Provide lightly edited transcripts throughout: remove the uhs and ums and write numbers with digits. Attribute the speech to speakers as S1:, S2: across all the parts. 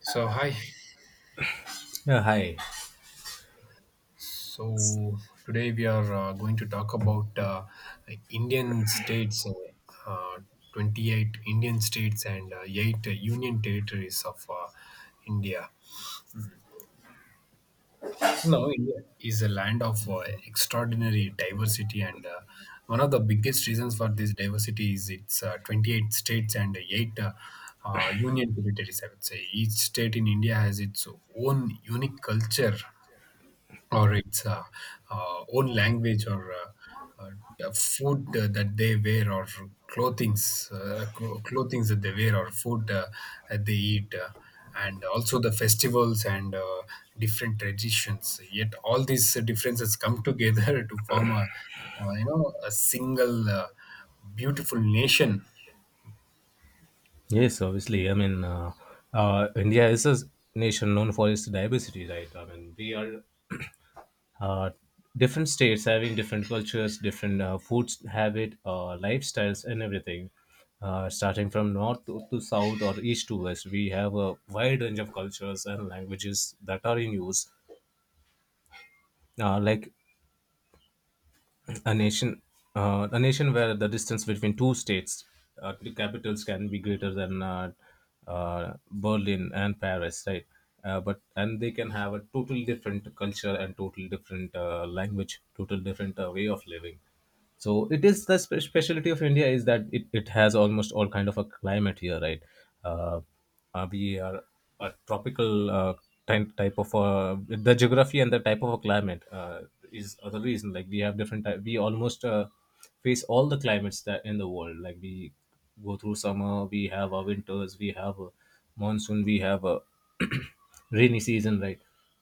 S1: So hi.
S2: Yeah, hi.
S1: So today we are going to talk about like Indian states, uh, 28 Indian states and eight union territories of India. Now, India is a land of extraordinary diversity, and one of the biggest reasons for this diversity is its 28 states and eight union territories. I would say each state in India has its own unique culture or its own language or uh, the food that they wear or clothings that they wear or food that they eat and also the festivals and different traditions, yet all these differences come together to form a you know a single beautiful nation.
S2: Yes, obviously. I mean, India is a nation known for its diversity, right? I mean, we are uh, different states having different cultures, different food habit, lifestyles, and everything. Starting from north to south or east to west, we have a wide range of cultures and languages that are in use. Like a nation a nation where the distance between two states, the capitals, can be greater than Berlin and Paris, right? Uh, but and they can have a total different culture and total different language, total different way of living. So it is the specialty of India, is that it has almost all kind of a climate here, right? uh, we are a tropical type, type of the geography, and the type of a climate is the reason like we have different type, we almost face all the climates that in the world. Like we go through summer, we have our winters, we have a monsoon, we have a rainy season, right?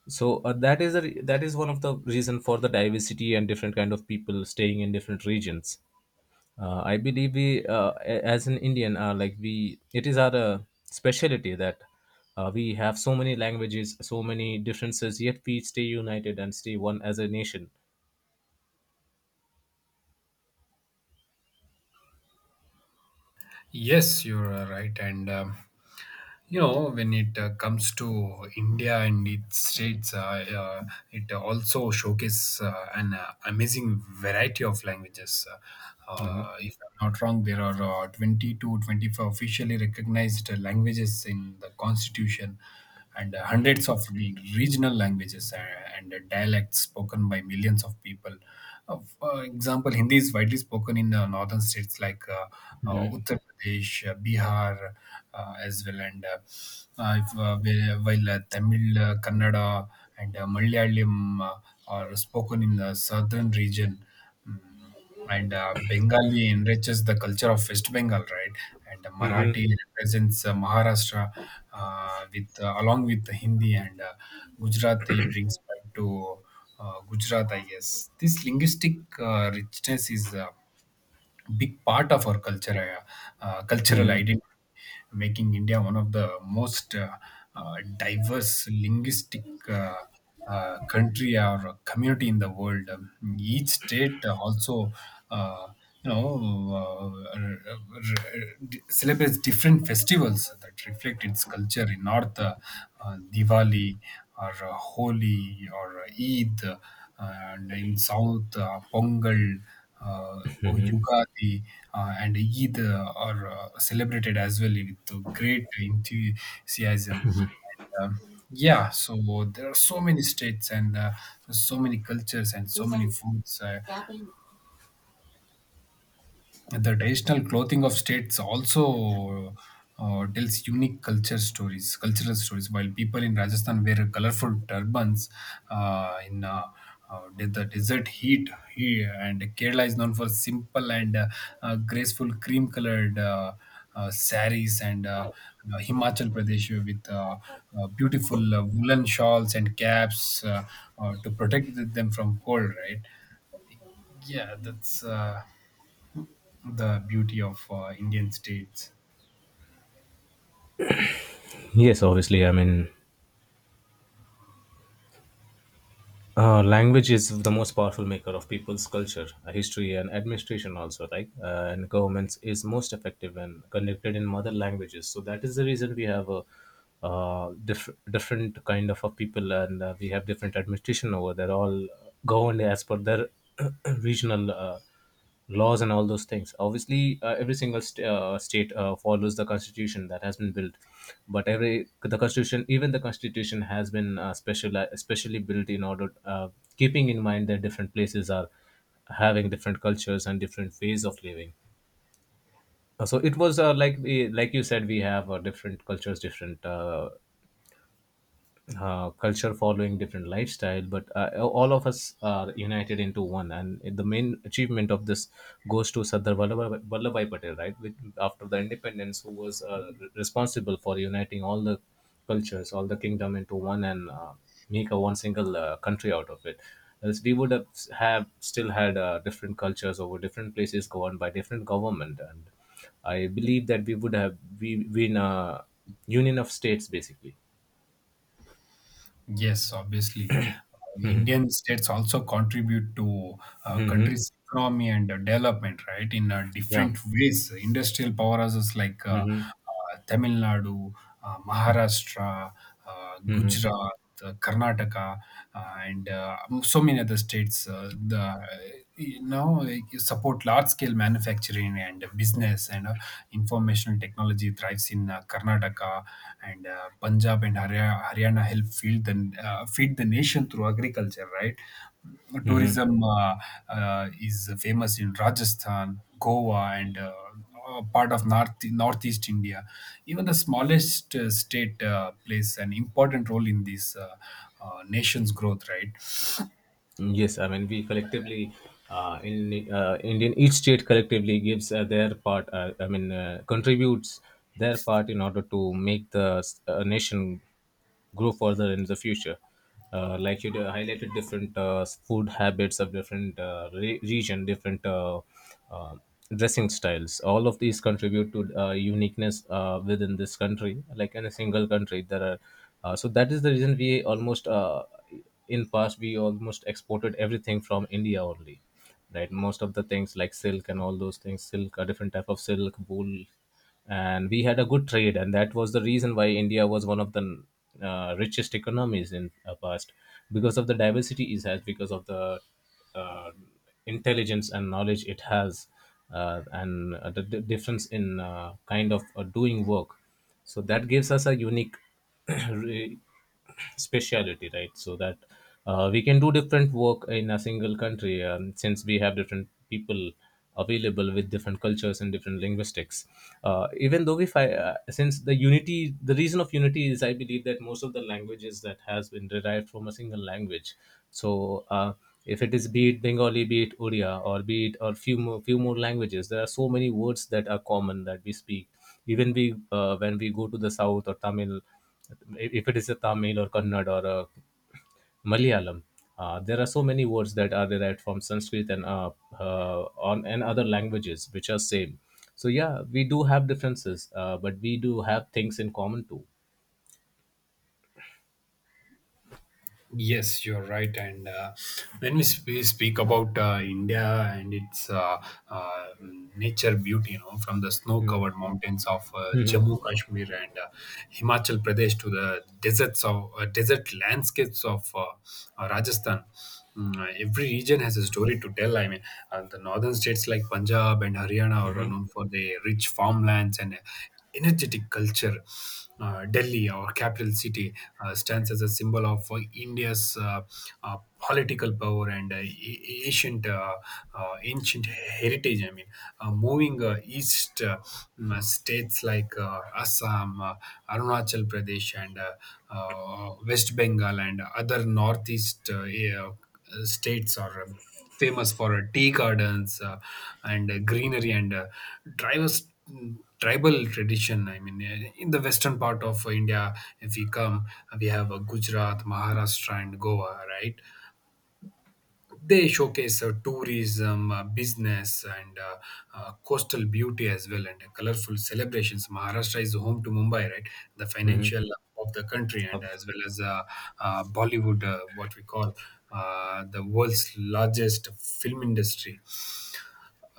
S2: So that is that is one of the reason for the diversity and different kind of people staying in different regions. I believe we, as an Indian, like we, it is our specialty that we have so many languages, so many differences, yet we stay united and stay one as a nation.
S1: Yes, you're right. And when it comes to India and its states, it also showcases an amazing variety of languages.
S2: Hmm.
S1: If I'm not wrong, there are 20 to 24 officially recognized languages in the constitution, and hundreds of regional languages and dialects spoken by millions of people. For example, Hindi is widely spoken in the northern states like
S2: Hmm.
S1: Uttar Pradesh, Bihar, as well, and if, where- while Tamil, Kannada, and Malayalam are spoken in the southern region. Hmm and Bengali enriches the culture of West Bengal, right? And
S2: Hmm.
S1: Marathi represents Maharashtra, with along with the Hindi, and Gujarati brings back to Gujarat, I guess. This linguistic richness is a big part of our cultural identity, making India one of the most diverse linguistic country or community in the world. Each state also, uh, you know, uh, r- r- celebrates different festivals that reflect its culture. In North, Diwali or Holi or Eid, and in South, Pongal or Yugadi and Eid are celebrated as well with great enthusiasm. And, yeah, so there are so many states and so many cultures and so many foods. And the traditional clothing of states also tells unique culture stories, cultural stories. While people in Rajasthan wear colorful turbans in the desert heat here, and Kerala is known for simple and graceful cream-colored saris, and Himachal Pradesh with beautiful woolen shawls and caps to protect them from cold. Right? Yeah, that's. The beauty of Indian states.
S2: Yes, obviously. I mean, language is the most powerful maker of people's culture, history, and administration, also, right? And governments is most effective when conducted in mother languages. So that is the reason we have a different kind of a people, and we have different administration over there, all governed as per their regional. Laws and all those things, obviously every single state follows the constitution that has been built. But every the constitution, even the constitution has been special especially built in order keeping in mind that different places are having different cultures and different ways of living. So it was like like you said, we have different cultures, different culture following different lifestyle, but all of us are united into one, and the main achievement of this goes to Sardar Vallabhai Patel, right? With after the independence, who was responsible for uniting all the cultures, all the kingdom into one, and make a one single country out of it. Else we would have still had different cultures over different places governed by different government, and I believe that we would have we been a union of states, basically.
S1: Yes, obviously. Indian states also contribute to
S2: Hmm.
S1: country's economy and development, right, in
S2: Yeah.
S1: different ways. Industrial powerhouses like
S2: Mm-hmm.
S1: Tamil Nadu, Maharashtra, Gujarat, Karnataka, and so many other states. The you know like, Support large scale manufacturing and business, and informational technology thrives in Karnataka and Punjab and Haryana help feed the nation through agriculture, right?
S2: Mm-hmm.
S1: Tourism is famous in Rajasthan, Goa, and part of North, Northeast India. Even the smallest state plays an important role in this nation's growth, right?
S2: Yes, I mean we collectively, in Indian, each state collectively gives their part. I mean, contributes their part in order to make the nation grow further in the future. Like you highlighted different food habits of different region, different uh, dressing styles. All of these contribute to uniqueness within this country. Like in a single country, there are. So that is the reason we almost in past we almost exported everything from India only, right? Most of the things like silk and all those things, silk, a different type of silk, wool, and we had a good trade, and that was the reason why India was one of the richest economies in the past, because of the diversity it has, because of the uh, intelligence and knowledge it has, and the difference in kind of doing work. So that gives us a unique re- speciality, right? So that we can do different work in a single country, since we have different people available with different cultures and different linguistics. Even though we fi- Since the unity, the reason of unity is, I believe that most of the languages that has been derived from a single language. So if it is, be it Bengali, be it Odia, or be it, or few more languages, there are so many words that are common that we speak. Even we, when we go to the south, or Tamil, if it is a Tamil or Kannad or a Malayalam. There are so many words that are derived from Sanskrit and on and other languages which are same. So yeah, we do have differences, but we do have things in common too.
S1: Yes, you're right. And when we speak about India and its uh, nature beauty, from the snow-covered mountains of Jammu
S2: Mm-hmm.
S1: Kashmir and Himachal Pradesh to the desert landscapes of Rajasthan. Every region has a story to tell. I mean, the northern states like Punjab and Haryana are
S2: Mm-hmm.
S1: known for their rich farmlands and energetic culture. Delhi, our capital city, stands as a symbol of India's uh, political power and ancient heritage. I mean, moving east, states like Assam, Arunachal Pradesh, and West Bengal, and other northeast, yeah, states are famous for tea gardens and greenery and drivers tribal tradition. I mean, in the western part of India, if we come, we have Gujarat, Maharashtra, and Goa, right? They showcase tourism, business, and coastal beauty as well, and colorful celebrations. Maharashtra is home to Mumbai, right? The financial of the country, and as well as Bollywood, what we call the world's largest film industry.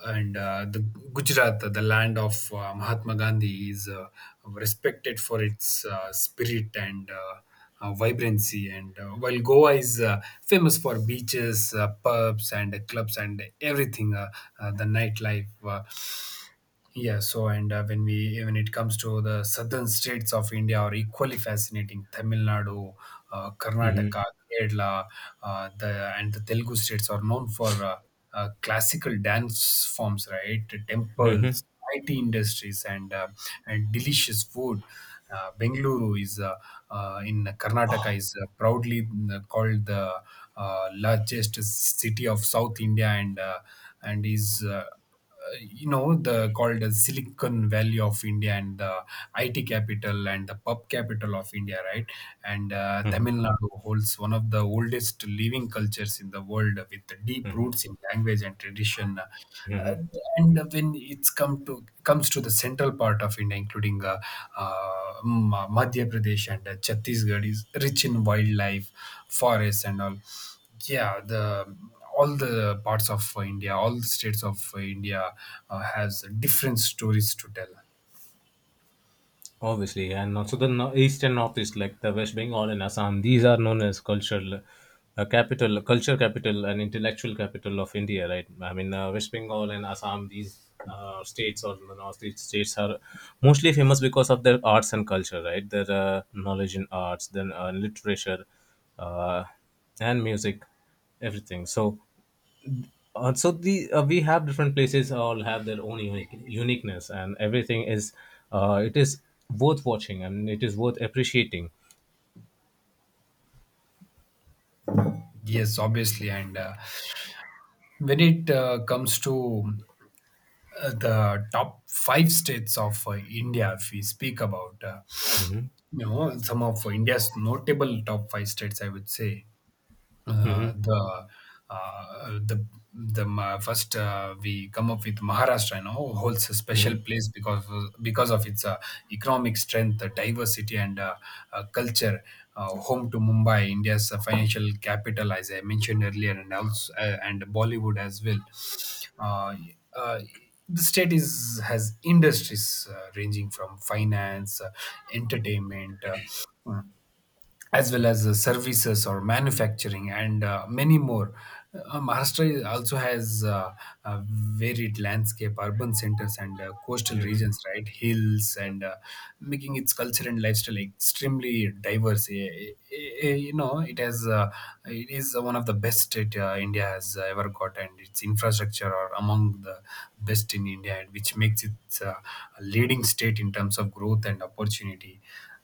S1: And the Gujarat, the land of Mahatma Gandhi, is respected for its spirit and vibrancy. And while Goa is famous for beaches, pubs, and clubs, and everything, the nightlife. Yeah, so and when we when it comes to the southern states of India are equally fascinating. Tamil Nadu, Karnataka, Kerala, the Telugu states are known for classical dance forms, right?
S2: Mm-hmm.
S1: Temples, IT industries, and delicious food. Bengaluru is in Karnataka is proudly called the largest city of South India, and is you know the called as Silicon Valley of India, and the IT capital and the pub capital of India, right? And
S2: Hmm.
S1: Tamil Nadu holds one of the oldest living cultures in the world, with deep roots in language and tradition. Uh, and when it's come to comes to the central part of India, including Madhya Pradesh and Chhattisgarh, is rich in wildlife, forests, and all. Yeah, the all the parts of India, all the states of India has different stories to tell.
S2: Obviously, and also the east and northeast, like the West Bengal and Assam, these are known as cultural capital, culture capital, and intellectual capital of India, right? I mean, West Bengal and Assam, these states, or the northeast states, are mostly famous because of their arts and culture, right? Their knowledge in arts, then literature, uh, and music, everything. So so the we have different places, all have their own uniqueness, and everything is it is worth watching, and it is worth appreciating.
S1: Yes, obviously. And when it comes to the top five states of India, if we speak about.
S2: Mhm.
S1: You know, some of India's notable top five states, I would say uh, the uh, the first we come up with Maharashtra. You know, holds a special
S2: Mhm.
S1: place because of its economic strength, diversity, and culture. Home to Mumbai, India's financial capital, as I mentioned earlier, and also and Bollywood as well. Uh, uh, the state is has industries ranging from finance, entertainment. Uh, as well as services or manufacturing and many more. Maharashtra also has a varied landscape, urban centers, and coastal
S2: Mhm.
S1: regions, right? Hills, and making its culture and lifestyle extremely diverse. It is one of the best state India has ever got, and its infrastructure are among the best in India, and which makes it uh, a leading state in terms of growth and opportunity.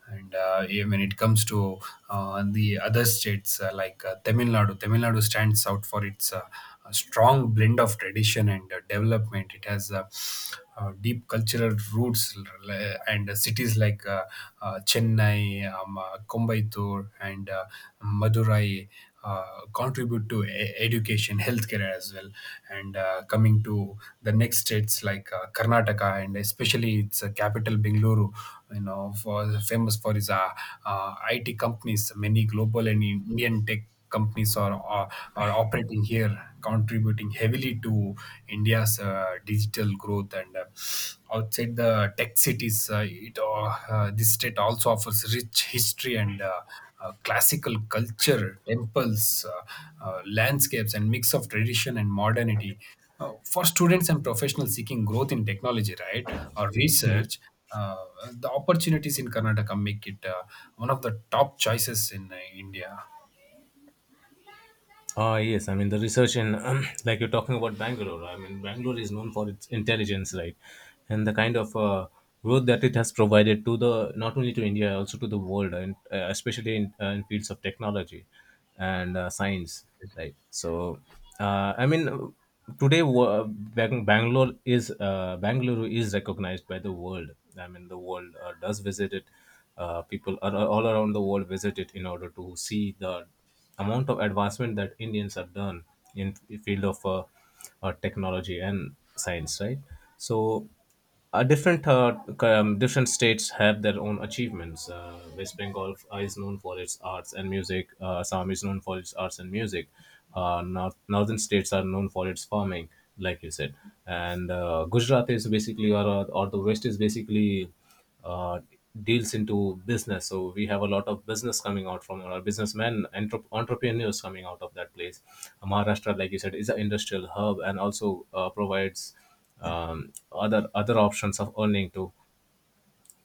S1: And when it comes to the other states like Tamil Nadu stands out for its a strong blend of tradition and development. It has deep cultural roots and cities like Chennai, Coimbatore, and Madurai contribute to education, healthcare as well. And coming to the next states like Karnataka and especially its capital Bengaluru, you know, for famous for its IT companies. Many global and Indian tech companies are operating here, contributing heavily to India's digital growth, and outside the tech cities, it this state also offers rich history and classical culture, temples, landscapes, and mix of tradition and modernity. For students and professionals seeking growth in technology, right, or research, uh, the opportunities in Karnataka make it one of the top choices in India.
S2: Ah, yes. I mean, the research in, like you're talking about Bangalore, I mean, Bangalore is known for its intelligence, right? And the kind of growth that it has provided to the, not only to India, also to the world, and especially in fields of technology and science, right? So, I mean, today Bangalore is recognized by the world. I mean, the world does visit it. People are, all around the world visit it in order to see the amount of advancement that Indians have done in the field of technology and science, right? So, different different states have their own achievements. West Bengal is known for its arts and music. Assam is known for its arts and music. Northern states are known for its farming, like you said, and Gujarat is basically, or the West is basically uh, deals into business. So we have a lot of business coming out from our businessmen, entrepreneurs coming out of that place. Maharashtra, like you said, is an industrial hub, and also provides other other options of earning too.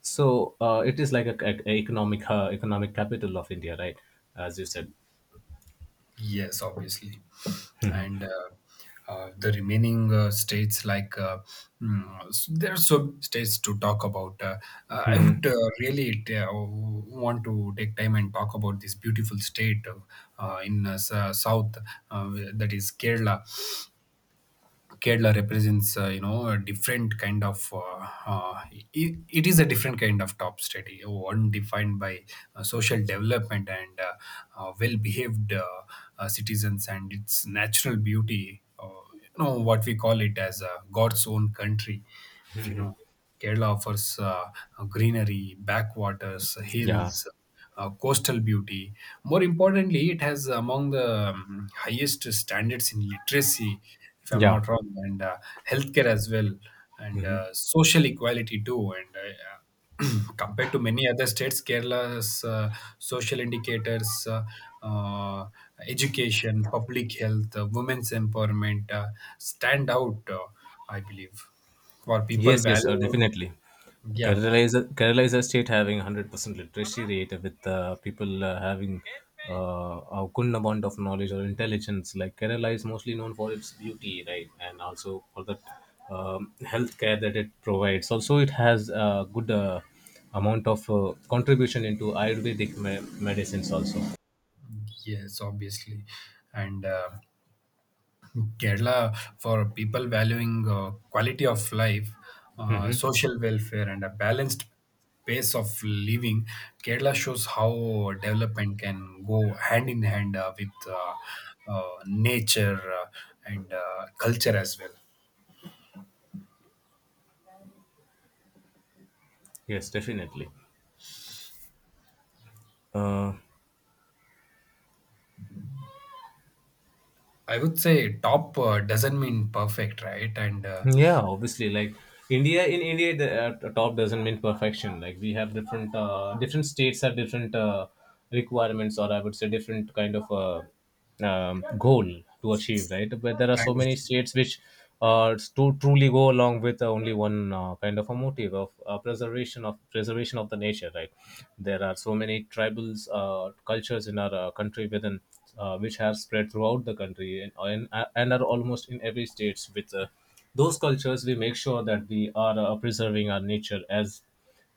S2: So it is like a economic economic capital of India, right? As you said.
S1: Yes, obviously. And the remaining states, like there are so states to talk about. I would really want to take time and talk about this beautiful state in south, that is Kerala. Kerala represents, a different kind of. It is a different kind of top state, one defined by social development and well-behaved citizens and its natural beauty. You know what we call it as God's own country. If you know, Kerala offers greenery, backwaters,
S2: Yeah,
S1: hills, coastal beauty. More importantly, it has among the highest standards in literacy, if I'm
S2: yeah.
S1: not wrong, and healthcare as well, and social equality too. And compared to many other states, Kerala's social indicators, uh, education, public health, women's empowerment stand out, I believe, for people
S2: Yes, yes,
S1: value.
S2: definitely.
S1: Yeah,
S2: Kerala is a state having 100% literacy rate with people having a good amount of knowledge or intelligence. Like Kerala is mostly known for its beauty, right, and also for the healthcare that it provides. Also, it has a good amount of contribution into Ayurvedic medicines also.
S1: yes, obviously, and. Kerala for people valuing quality of life,
S2: Mm-hmm.
S1: social welfare, and a balanced pace of living. Kerala shows how development can go hand in hand with nature and culture as well.
S2: Yes, definitely. Uh,
S1: I would say top doesn't mean perfect, right?
S2: Yeah, obviously, like India in India, the top doesn't mean perfection. Like we have different, different states have different requirements, or I would say different kind of goal to achieve, right? But there are so
S1: And
S2: many states which to truly go along with only one kind of a motive of preservation of the nature, right? There are so many tribals cultures in our country within which have spread throughout the country, and are almost in every states with. Those cultures, we make sure that we are preserving our nature as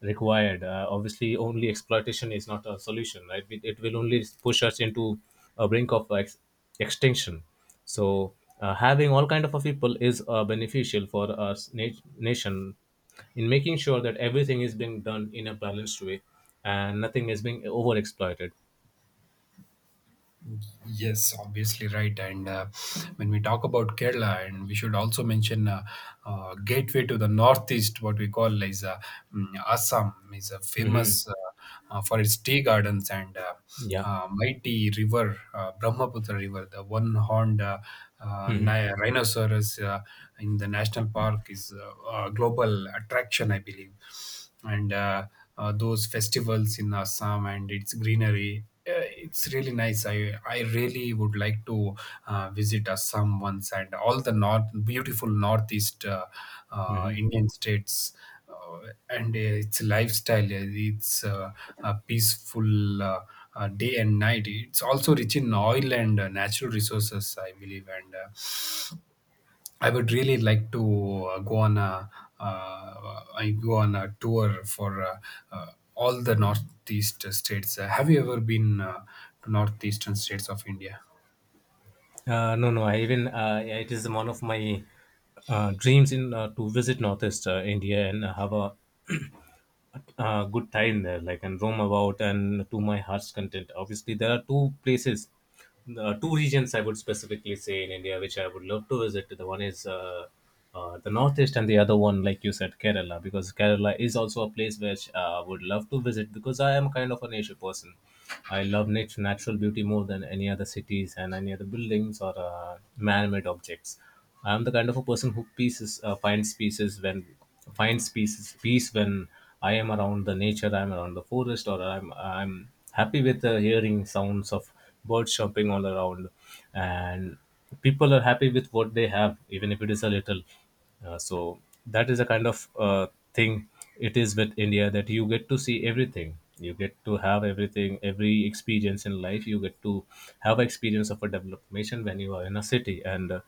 S2: required, obviously. Only exploitation is not a solution, right? It will only push us into a brink of extinction. So having all kind of a people is beneficial for our nation, in making sure that everything is being done in a balanced way, and nothing is being over exploited.
S1: Yes, obviously right. And When we talk about Kerala, and we should also mention gateway to the northeast, what we call is Assam, is a
S2: Hmm.
S1: famous for its tea gardens and
S2: Yeah.
S1: mighty river, Brahmaputra River. The one-horned rhinoceros in the national park is a global attraction, I believe. And Those festivals in Assam and its greenery it's really nice. I really would like to visit Assam once, and all the north beautiful northeast
S2: Mhm.
S1: Indian states. And Its lifestyle, it's a peaceful day and night. It's also rich in oil and natural resources, I believe, and I would really like to go on a I go on a tour for uh, all the northeast states. Have you ever been to northeastern states of India?
S2: No, no. I even, yeah, it is one of my dreams in to visit Northeast India and have a good time there, like, and roam about and to my heart's content. Obviously, there are two places, two regions I would specifically say in India which I would love to visit. The one is the northeast, and the other one, like you said, Kerala, because Kerala is also a place which I would love to visit, because I am kind of a nature person. I love nature, natural beauty more than any other cities and any other buildings or man-made objects. I'm the kind of a person who pieces finds pieces when finds peace when I am around the nature, I'm around the forest, or I'm happy with the hearing sounds of birds chirping all around, and people are happy with what they have, even if it is a little. So that is a kind of thing it is with India that you get to see everything. You get to have everything, every experience in life. You get to have experience of a development when you are in a city and. Uh,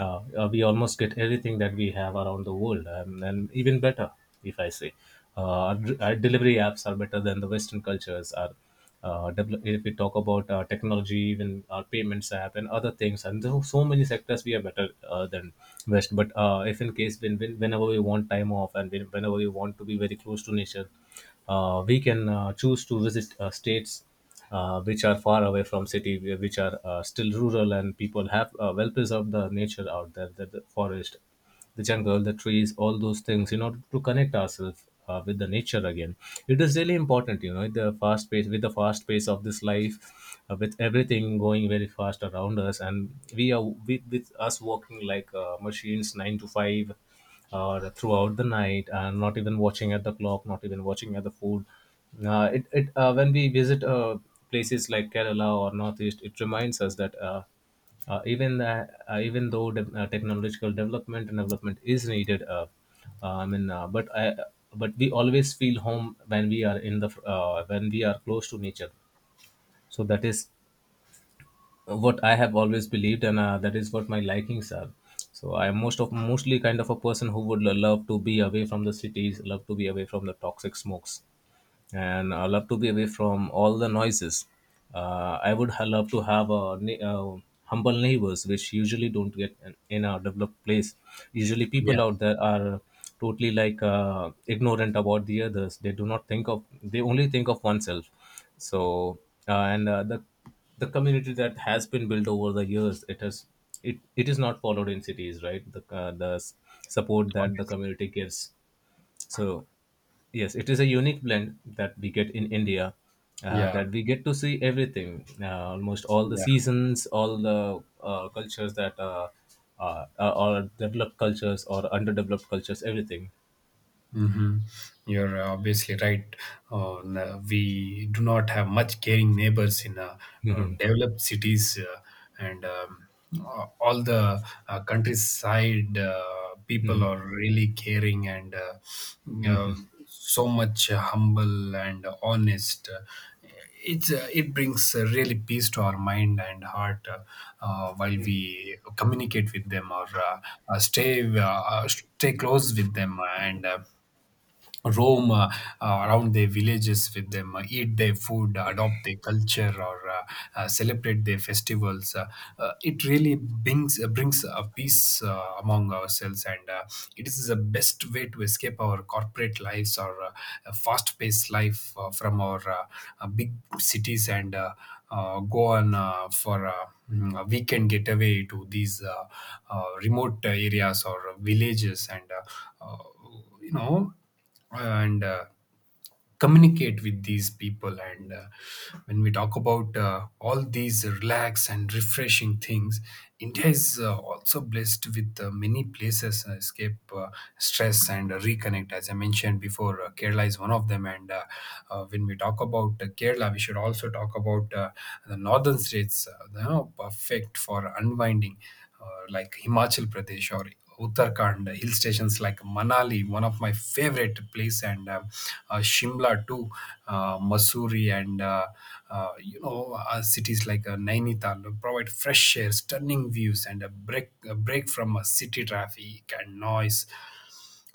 S2: uh, uh, we almost get everything that we have around the world, and even better, if I say. Uh, our, our delivery apps are better than the Western cultures. Our, if we talk about technology, even our payments app and other things, and there are so many sectors, we are better than West. But if in case whenever we want time off and whenever we want to be very close to nature, we can choose to visit states which are far away from city, which are still rural, and people have well preserved the nature out there, the forest, the jungle, the trees, all those things, in order to connect ourselves with the nature again. It is really important, you know, the fast pace of this life, with everything going very fast around us, and we are with us working like machines, 9 to 5 or throughout the night, and not even watching at the clock, not even watching at the food. It it When we visit places like Kerala or Northeast, it reminds us that even though technological development and development is needed, uh, I mean, uh, but I, but we always feel home when we are in the when we are close to nature. So that is what I have always believed, and that is what my likings are. So I'm mostly kind of a person who would love to be away from the cities, love to be away from the toxic smokes and I love to be away from all the noises. Love to have a humble neighbors, which usually don't get in a developed place. Usually, people
S1: Yeah,
S2: out there are totally like ignorant about the others. They do not think of they only think of oneself. So and The community that has been built over the years, it, it is not followed in cities, right? Support that the
S1: always.
S2: community gives. So yes, it is a unique blend that we get in India.
S1: Yeah,
S2: That we get to see everything, almost all the
S1: yeah.
S2: seasons, all the cultures that are developed cultures or underdeveloped cultures, everything.
S1: Hmm. You're obviously right. We do not have much caring neighbors in developed cities, and um, all the countryside people are really caring and uh, so much humble and honest. It brings really peace to our mind and heart while we communicate with them, or uh, uh, stay uh, stay close with them, and. Roam around their villages with them, eat their food, adopt their culture, or celebrate their festivals. It really brings a peace among ourselves, and it is the best way to escape our corporate lives or fast paced life from our big cities, and go on for a weekend getaway to these remote areas or villages, and uh, uh, you know and uh, communicate with these people. And when we talk about all these relax and refreshing things, India is also blessed with many places escape stress and reconnect. As I mentioned before, Kerala is one of them, and when we talk about Kerala, we should also talk about the northern states, you know, perfect for unwinding, like Himachal Pradesh or Uttarakhand. Hill stations like Manali, one of my favorite place, and Shimla too, Mussoorie, and cities like Nainital provide fresh air, stunning views, and a break from city traffic and noise.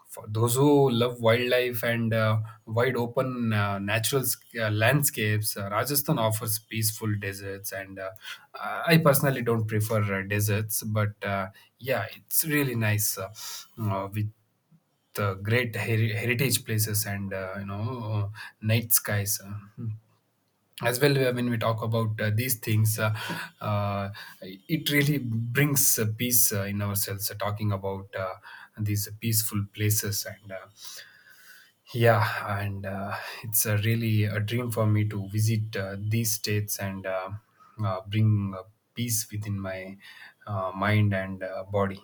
S1: For those who love wildlife and wide open landscapes, Rajasthan offers peaceful deserts. And I personally don't prefer deserts, but yeah, it's really nice with great heritage places and night skies. Hmm. As well, when we talk about these things, uh, it really brings peace in ourselves, talking about these peaceful places. And yeah, and it's a really a dream for me to visit these states, and bring peace within my mind and body.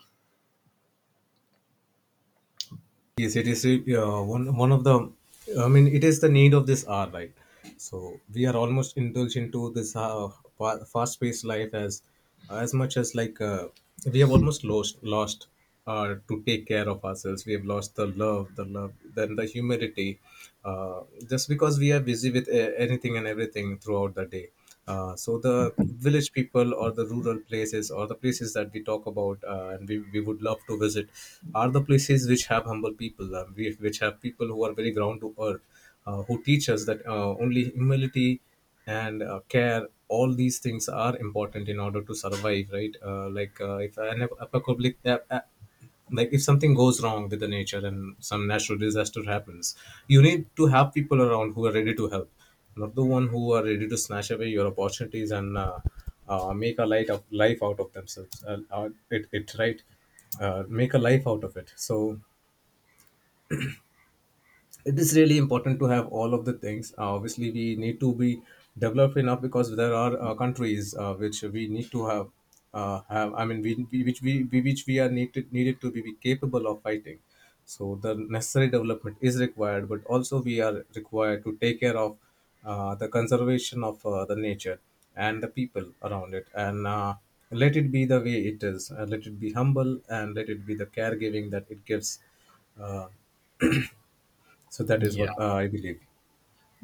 S2: Yes, it is one of the. I mean, it is the need of this hour, right? So we are almost indulged into this fast paced life as much as like we have almost lost to take care of ourselves. We have lost the love, then the humility, uh, just because we are busy with anything and everything throughout the day. So the village people or the rural places or the places that we talk about and we would love to visit are the places which have humble people, which have people who are very ground to earth, who teach us that only humility and care, all these things are important in order to survive, right? If an apocalyptic like if something goes wrong with the nature and some natural disaster happens, you need to have people around who are ready to help, not the one who are ready to snatch away your opportunities and make a light of life out of themselves it, it right make a life out of it. So it is really important to have all of the things. Obviously, we need to be developed enough because there are countries which we need to have. Have I mean, we, which we which We are needed to be capable of fighting. So the necessary development is required, but also we are required to take care of the conservation of the nature and the people around it, and let it be the way it is, and let it be humble, and let it be the caregiving that it gives. So that is
S1: Yeah.
S2: what I believe.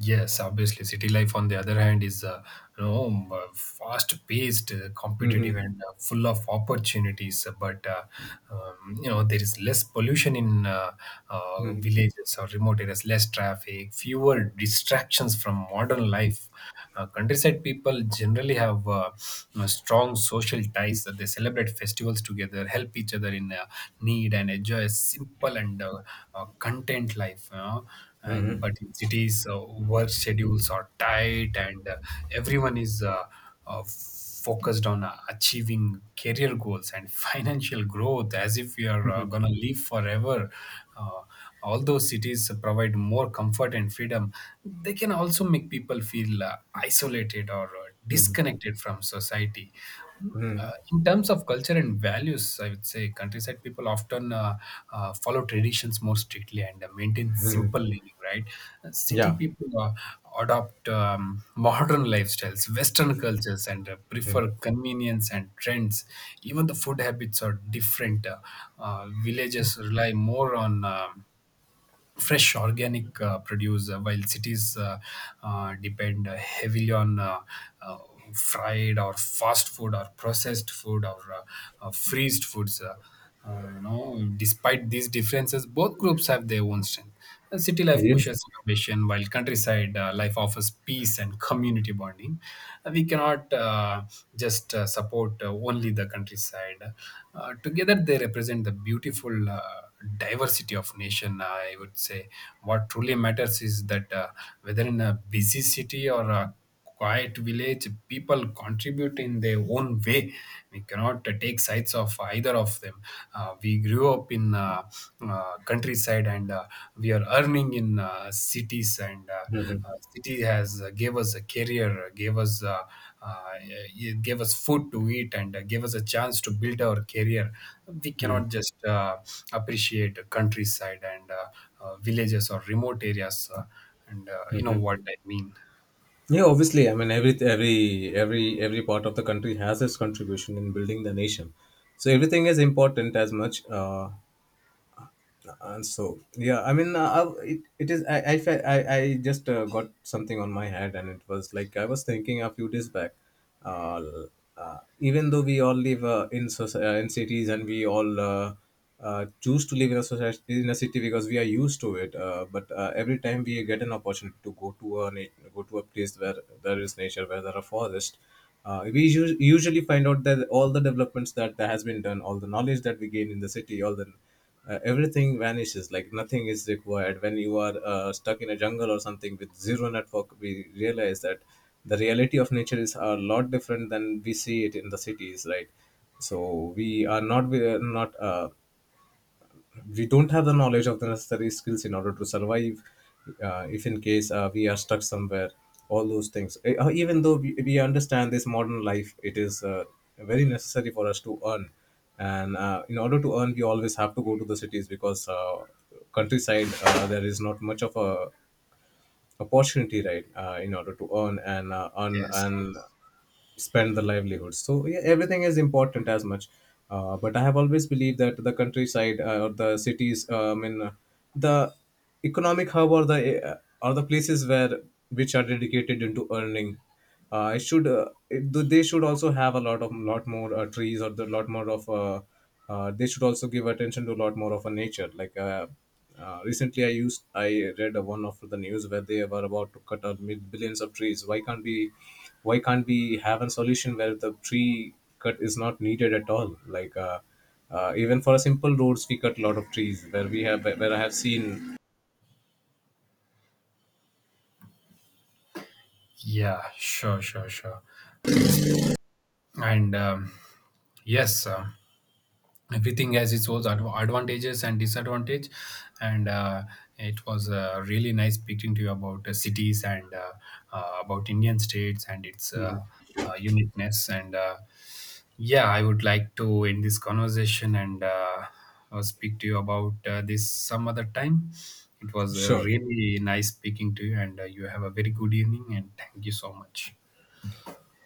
S1: Yes, obviously, city life on the other hand is fast-paced, competitive, and full of opportunities. But you know, there is less pollution in
S2: Mm-hmm.
S1: villages or remote areas, less traffic, fewer distractions from modern life. Countryside people generally have strong social ties. They celebrate festivals together, help each other in need, and enjoy a simple and content life, you know. And but in cities, work schedules are tight, and everyone is focused on achieving career goals and financial growth, as if we are gonna live forever. uh, Although cities provide more comfort and freedom, they can also make people feel isolated or
S2: Mhm,
S1: disconnected from society. Mm, in terms of culture and values, I would say countryside people often follow traditions more strictly and maintain
S2: mhm.
S1: simple living, right? City
S2: Yeah,
S1: people adopt modern lifestyles, Western cultures, and prefer convenience and trends. Even the food habits are different. Villages rely more on fresh organic produce, while cities depend heavily on uh, fried or fast food or processed food, or freezed foods, you know. Despite these differences, both groups have their own strength. City life
S2: yes.
S1: pushes innovation, while countryside life offers peace and community bonding. We cannot just support only the countryside. Together, they represent the beautiful diversity of nation, I would say. What truly matters is that, whether in a busy city or a quiet village, people contribute in their own way. We cannot take sides of either of them. We grew up in countryside, and we are earning in cities, and
S2: Mhm.
S1: city has gave us a career, gave us it gave us food to eat, and gave us a chance to build our career. We cannot just appreciate countryside and villages or remote areas, and you know what I mean.
S2: Yeah, obviously. I mean, every part of the country has its contribution in building the nation. So everything is important as much. And so, yeah, I mean, I- it is, I, fe- I just got something on my head and it was like, I was thinking a few days back, uh, even though we all live in cities and we all choose to live in a society, in a city because we are used to it. But Every time we get an opportunity to go to go to a place where there is nature, where there are forests, we usually find out that all the developments that has been done, all the knowledge that we gain in the city, all the everything vanishes, like nothing is required when you are stuck in a jungle or something with zero network. We realize that the reality of nature is a lot different than we see it in the cities, right? So we are not we don't have the knowledge of the necessary skills in order to survive if in case we are stuck somewhere, all those things. Even though we understand this modern life, it is very necessary for us to earn and in order to earn we always have to go to the cities because countryside there is not much of a opportunity, right? In order to earn and
S1: Yes, yes.
S2: spend the livelihoods. So yeah, everything is important as much. But I have always believed that the countryside or the cities, the economic hub or the places where which are dedicated into earning, they should also have a lot of, lot more trees or the lot more of they should also give attention to a lot more of a nature. Recently, I read one of the news where they were about to cut out billions of trees. Why can't we? Why can't we have a solution where the tree cut is not needed at all? Even for simple roads we cut a lot of trees where we have, where I have seen.
S1: Yeah, sure, sure, sure. And, dis- and Yes, everything has its own advantages and disadvantage. And it was really nice speaking to you about cities and about Indian states and its uniqueness. And yeah, I would like to end this conversation and speak to you about this some other time. It was
S2: Sure,
S1: really nice speaking to you, and you have a very good evening. And thank you so much.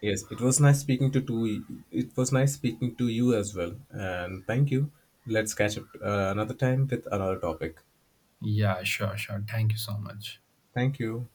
S2: yes, it was nice speaking to two it was nice speaking to you as well and thank you. Let's catch up another time with another topic.
S1: Yeah, sure, sure. Thank you so much.
S2: Thank you.